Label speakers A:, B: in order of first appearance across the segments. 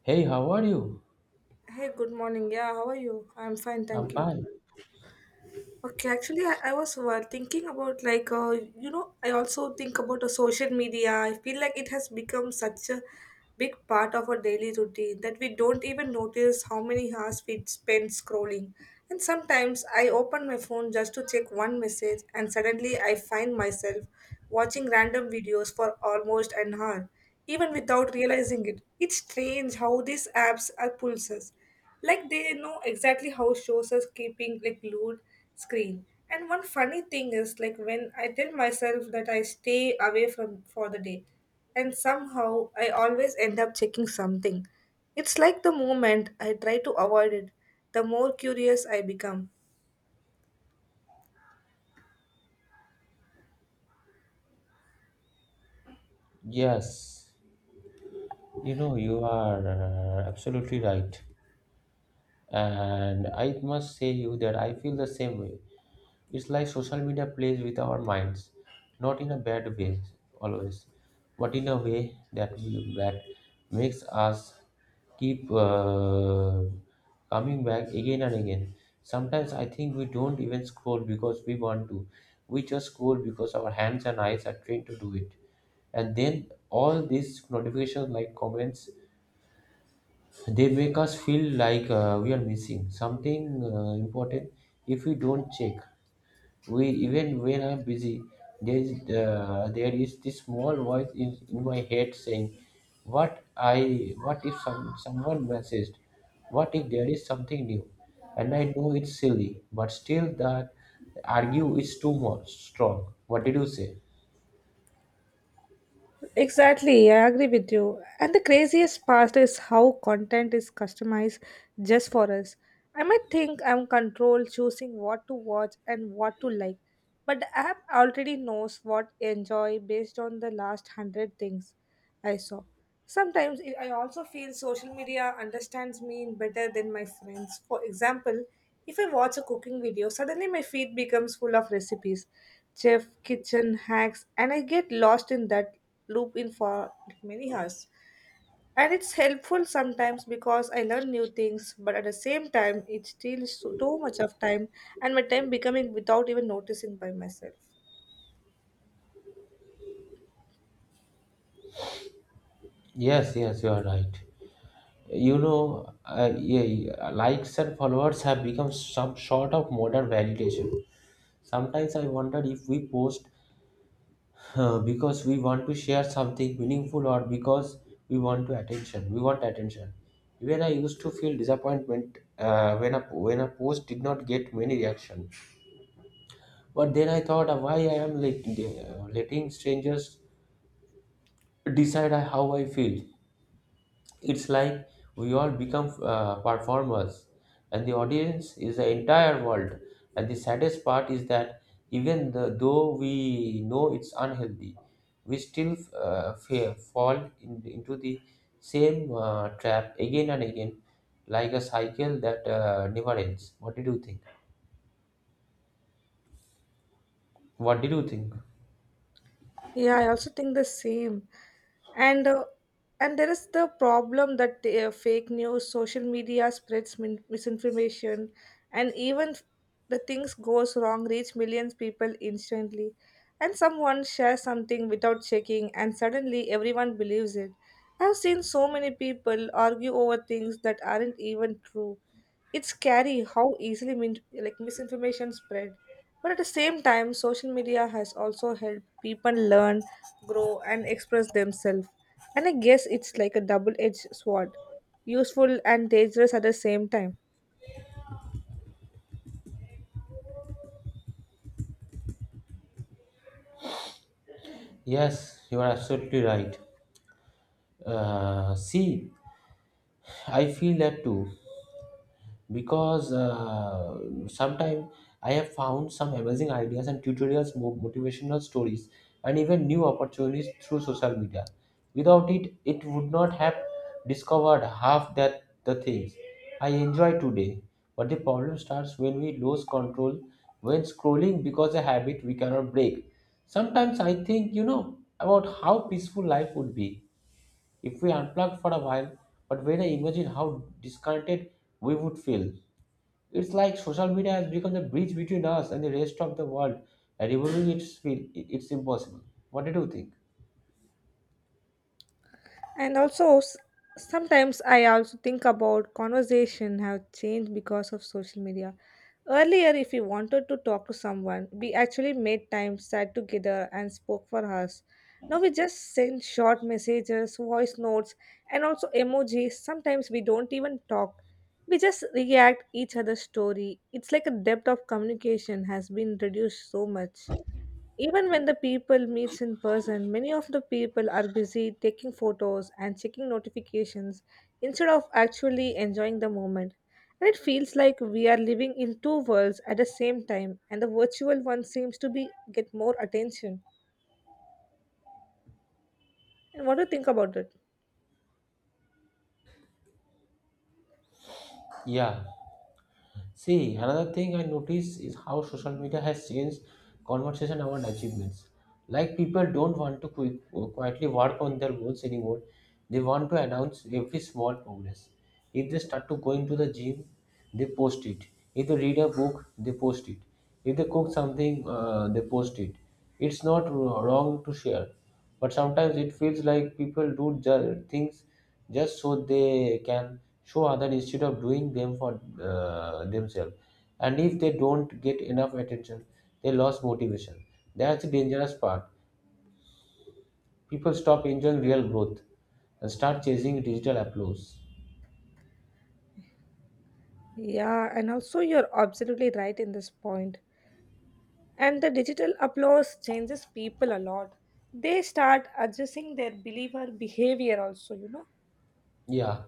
A: Hey, how are you?
B: Hey, good morning. Yeah, how are you? I'm fine, thank
A: I'm
B: you.
A: fine.
B: Okay, actually, I was thinking about like, I also think about the social media. I feel like it has become such a big part of our daily routine that we don't even notice how many hours we spend scrolling. And sometimes I open my phone just to check one message, and suddenly I find myself watching random videos for almost an hour even without realizing it. It's strange how these apps are pulls us. Like they know exactly how shows us keeping like glued screen. And one funny thing is like when I tell myself that I stay away from for the day and somehow I always end up checking something. It's like the moment I try to avoid it, the more curious I become.
A: Yes, you know, you are absolutely right. And I must say you that I feel the same way. It's like social media plays with our minds, not in a bad way always, but in a way that makes us keep coming back again and again. Sometimes I think we don't even scroll because we want to. We just scroll because our hands and eyes are trained to do it. And then all these notifications, like comments, they make us feel like we are missing something important if we don't check, we even when I'm busy, there is this small voice in my head saying what I what if someone messaged, what if there is something new, and I know it's silly but still that argue is too much strong. What did you say?
B: Exactly, I agree with you. And the craziest part is how content is customized just for us. I might think I'm control choosing what to watch and what to like, but the app already knows what I enjoy based on the last 100 things. I saw. Sometimes I also feel social media understands me better than my friends. For example, if I watch a cooking video, suddenly my feed becomes full of recipes, chef, kitchen hacks, and I get lost in that loop in for many hours. And it's helpful sometimes because I learn new things, but at the same time, it steals too much of time and my time becoming without even noticing by myself.
A: Yes, yes, you are right. You know, yeah, yeah, likes and followers have become some sort of modern validation. Sometimes I wonder if we post because we want to share something meaningful or because we want attention. Even I used to feel disappointment when a post did not get many reaction, but then I thought, why I am letting strangers decide how I feel. It's like we all become performers, and the audience is the entire world. And the saddest part is that even though we know it's unhealthy, we still fall into the same trap again and again, like a cycle that never ends. What did you think? What did you think?
B: Yeah, I also think the same. And uh, and there is the problem that fake news, social media spreads misinformation, and even the things goes wrong reach millions people instantly. And someone shares something without checking, and suddenly everyone believes it. I've seen so many people argue over things that aren't even true. It's scary how easily like misinformation spread. But at the same time, social media has also helped people learn, grow, and express themselves. And I guess it's like a double-edged sword, useful and dangerous at the same time.
A: Yes, you are absolutely right. See, I feel that too. Because sometimes I have found some amazing ideas and tutorials, motivational stories, and even new opportunities through social media. Without it, it would not have discovered half that the things I enjoy today. But the problem starts when we lose control when scrolling because a habit we cannot break. Sometimes I think, you know, about how peaceful life would be if we unplugged for a while, but when I imagine how disconnected we would feel. It's like social media has become the bridge between us and the rest of the world. And removing it's feel it's impossible. What did you think?
B: And also, sometimes I also think about conversation have changed because of social media. Earlier, if we wanted to talk to someone, we actually made time, sat together, and spoke for hours. Now we just send short messages, voice notes, and also emojis. Sometimes we don't even talk. We just react each other's story. It's like a depth of communication has been reduced so much. Even when the people meets in person, many of the people are busy taking photos and checking notifications instead of actually enjoying the moment. And it feels like we are living in two worlds at the same time, and the virtual one seems to be get more attention. And what do you think about it?
A: Yeah. See, another thing I notice is how social media has changed conversation around achievements. Like people don't want to quietly work on their goals anymore. They want to announce every small progress. If they start to going to the gym, they post it. If they read a book, they post it. If they cook something, they post it. It's not wrong to share, but sometimes it feels like people do things just so they can show others instead of doing them for themselves. And if they don't get enough attention, they lose motivation. That's the dangerous part. People stop enjoying real growth and start chasing digital applause.
B: Yeah, and also you're absolutely right in this point. And the digital applause changes people a lot. They start adjusting their believer behavior also,
A: Yeah,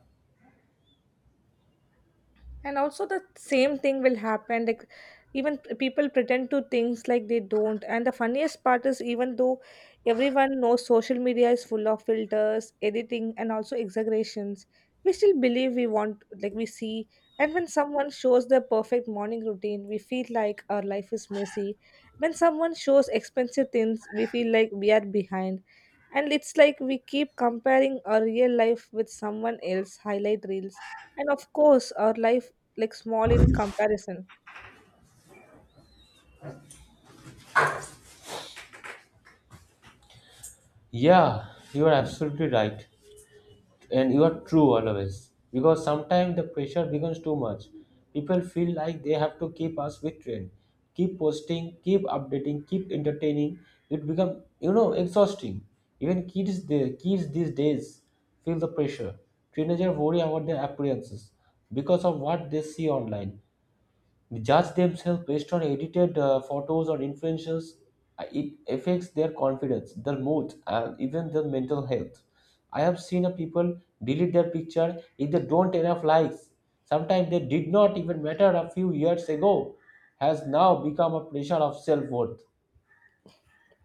B: and also the same thing will happen, like even people pretend to things like they don't. And the funniest part is, even though everyone knows social media is full of filters, editing, and also exaggerations, we still believe we want like we see. And when someone shows their perfect morning routine, we feel like our life is messy. When someone shows expensive things, we feel like we are behind. And it's like we keep comparing our real life with someone else highlight reels. And of course, our life like small in comparison.
A: yeah, you are absolutely right. And you are true always, because sometimes the pressure becomes too much. People feel like they have to keep us with trend, keep posting, keep updating, keep entertaining. It become, you know, exhausting. Even kids, these days feel the pressure. Teenagers worry about their appearances because of what they see online, judge themselves based on edited photos or influencers. It affects their confidence, their mood, and even their mental health. I have seen a people delete their picture if they don't enough likes. Sometimes they did not even matter a few years ago, has now become a pressure of self worth.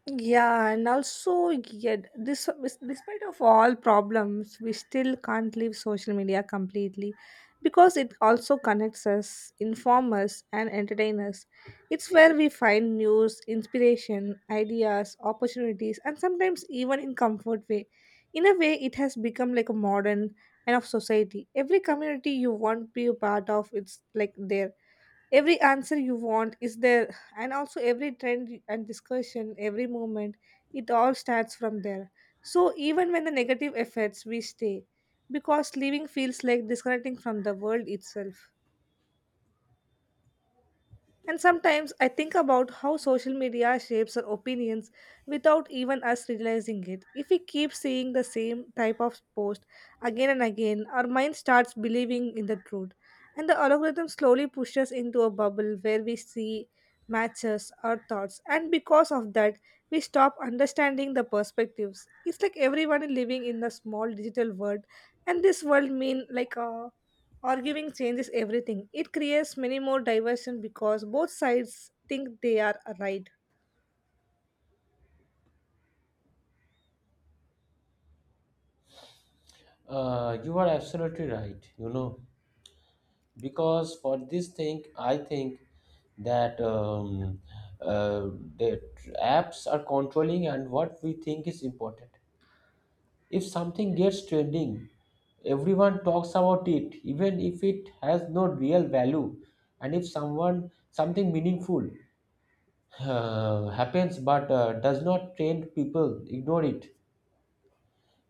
B: Yeah, and also yet this, despite of all problems, we still can't leave social media completely, because it also connects us, inform us, and entertain us. It's where we find news, inspiration, ideas, opportunities, and sometimes even in comfort way. In a way, it has become like a modern and of society. Every community you want to be a part of, it's like there every answer you want is there. And also every trend and discussion, every movement, it all starts from there. So even when the negative effects, we stay, because living feels like disconnecting from the world itself. And sometimes I think about how social media shapes our opinions without even us realizing it. If we keep seeing the same type of post again and again, our mind starts believing in the truth. And the algorithm slowly pushes us into a bubble where we see matches our thoughts. And because of that, we stop understanding the perspectives. It's like everyone living in a small digital world. And this world mean like a arguing changes everything. It creates many more diversion because both sides think they are right.
A: You are absolutely right, you know. Because for this thing I think that uh, the apps are controlling and what we think is important. If something gets trending, everyone talks about it even if it has no real value. And if someone something meaningful happens but does not trend, people ignore it.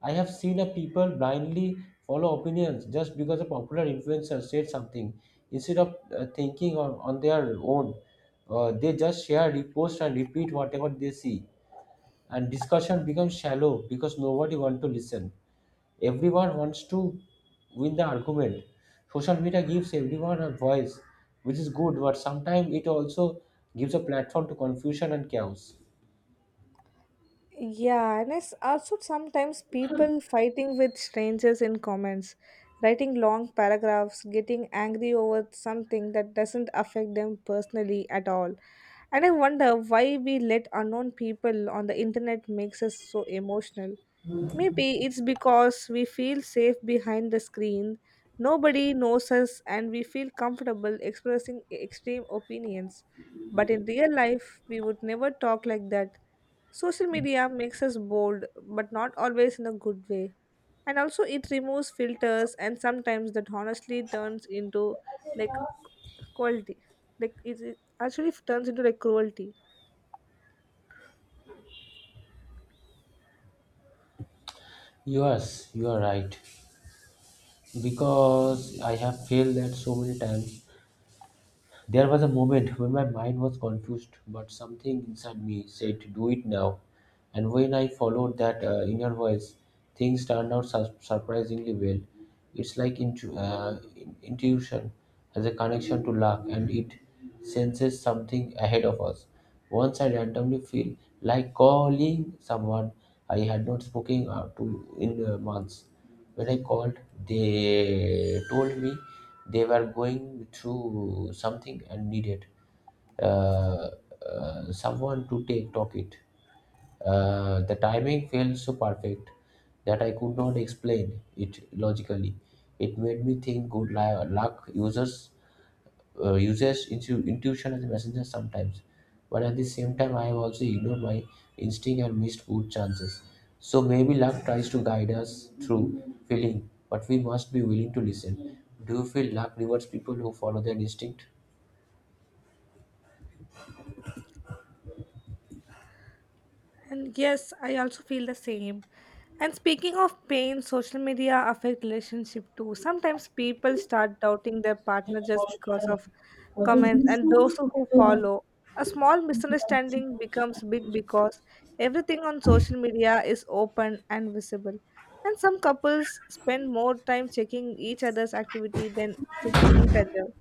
A: I have seen a people blindly follow opinions just because a popular influencer said something instead of thinking on their own. They just share, repost, and repeat whatever they see. And discussion becomes shallow because nobody wants to listen. Everyone wants to win the argument. Social media gives everyone a voice, which is good, but sometimes it also gives a platform to confusion and chaos.
B: Yeah, and it's also sometimes people fighting with strangers in comments, writing long paragraphs, getting angry over something that doesn't affect them personally at all. And I wonder why we let unknown people on the internet makes us so emotional. Maybe it's because we feel safe behind the screen, nobody knows us, and we feel comfortable expressing extreme opinions. But in real life, we would never talk like that. Social media makes us bold, but not always in a good way. And also, it removes filters, and sometimes that honestly turns into like cruelty. Like, it actually turns into like cruelty.
A: Yes, you are right. Because I have failed that so many times. There was a moment when my mind was confused, but something inside me said, "Do it now." And when I followed that inner voice, things turned out surprisingly well. It's like intuition has a connection to luck, and it senses something ahead of us. Once I randomly feel like calling someone I had not spoken to in months. When I called, they told me they were going through something and needed uh, someone to take talk it. The timing felt so perfect that I could not explain it logically. It made me think good luck users uses intuition as a messenger sometimes. But at the same time, I have also ignored my instinct and missed good chances. So maybe luck tries to guide us through feeling, but we must be willing to listen. Do you feel luck rewards people who follow their instinct?
B: And yes, I also feel the same. And speaking of pain, social media affect relationship too. Sometimes people start doubting their partner just because of comments and those who follow. A small misunderstanding becomes big because everything on social media is open and visible. And some couples spend more time checking each other's activity than checking each other.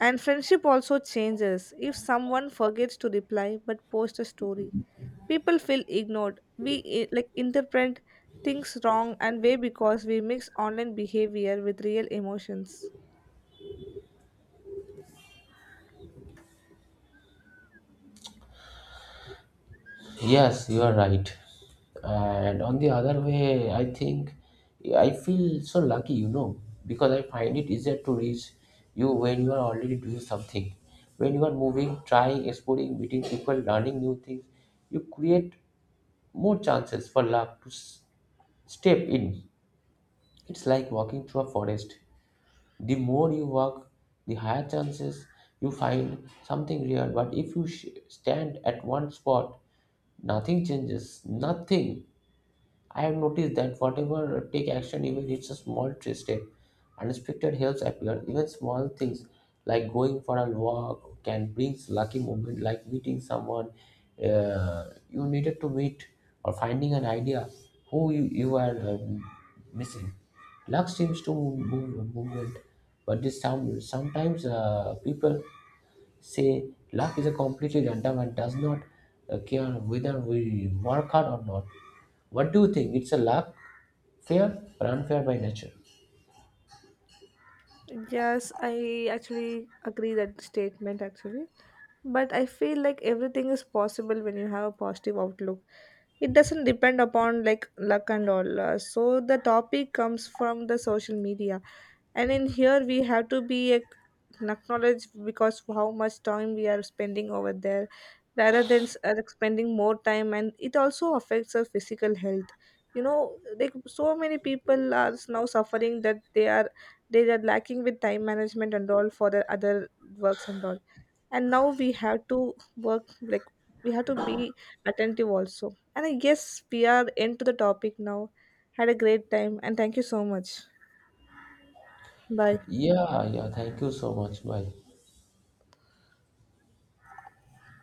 B: And friendship also changes. If someone forgets to reply but posts a story, people feel ignored. We like interpret things wrong and way because we mix online behavior with real emotions.
A: Yes, you are right. And on the other way, I think I feel so lucky, you know, because I find it easier to reach you when you are already doing something. When you are moving, trying, exploring, meeting people, learning new things, you create more chances for luck to step in. It's like walking through a forest. The more you walk, the higher chances you find something real. But if you stand at one spot, nothing changes, nothing. I have noticed that whatever take action, even it's a small step, unexpected helps appear. Even small things like going for a walk can bring lucky moment, like meeting someone you needed to meet or finding an idea who you are missing. Luck seems to move, movement, but this sometimes people say luck is a completely random and does not care whether we work hard or not. What do you think? It's a luck, fair or unfair by nature?
B: Yes, I actually agree that statement actually. But I feel like everything is possible when you have a positive outlook. It doesn't depend upon like luck and all. So the topic comes from the social media. And in here we have to be acknowledged because of how much time we are spending over there rather than like spending more time, and it also affects our physical health. Like so many people are now suffering that they are lacking with time management and all for the other works and all. And now we have to work like we have to be attentive also. And I guess we are into the topic now. Had a great time, and thank you so much. Bye.
A: Yeah, yeah. Thank you so much. Bye.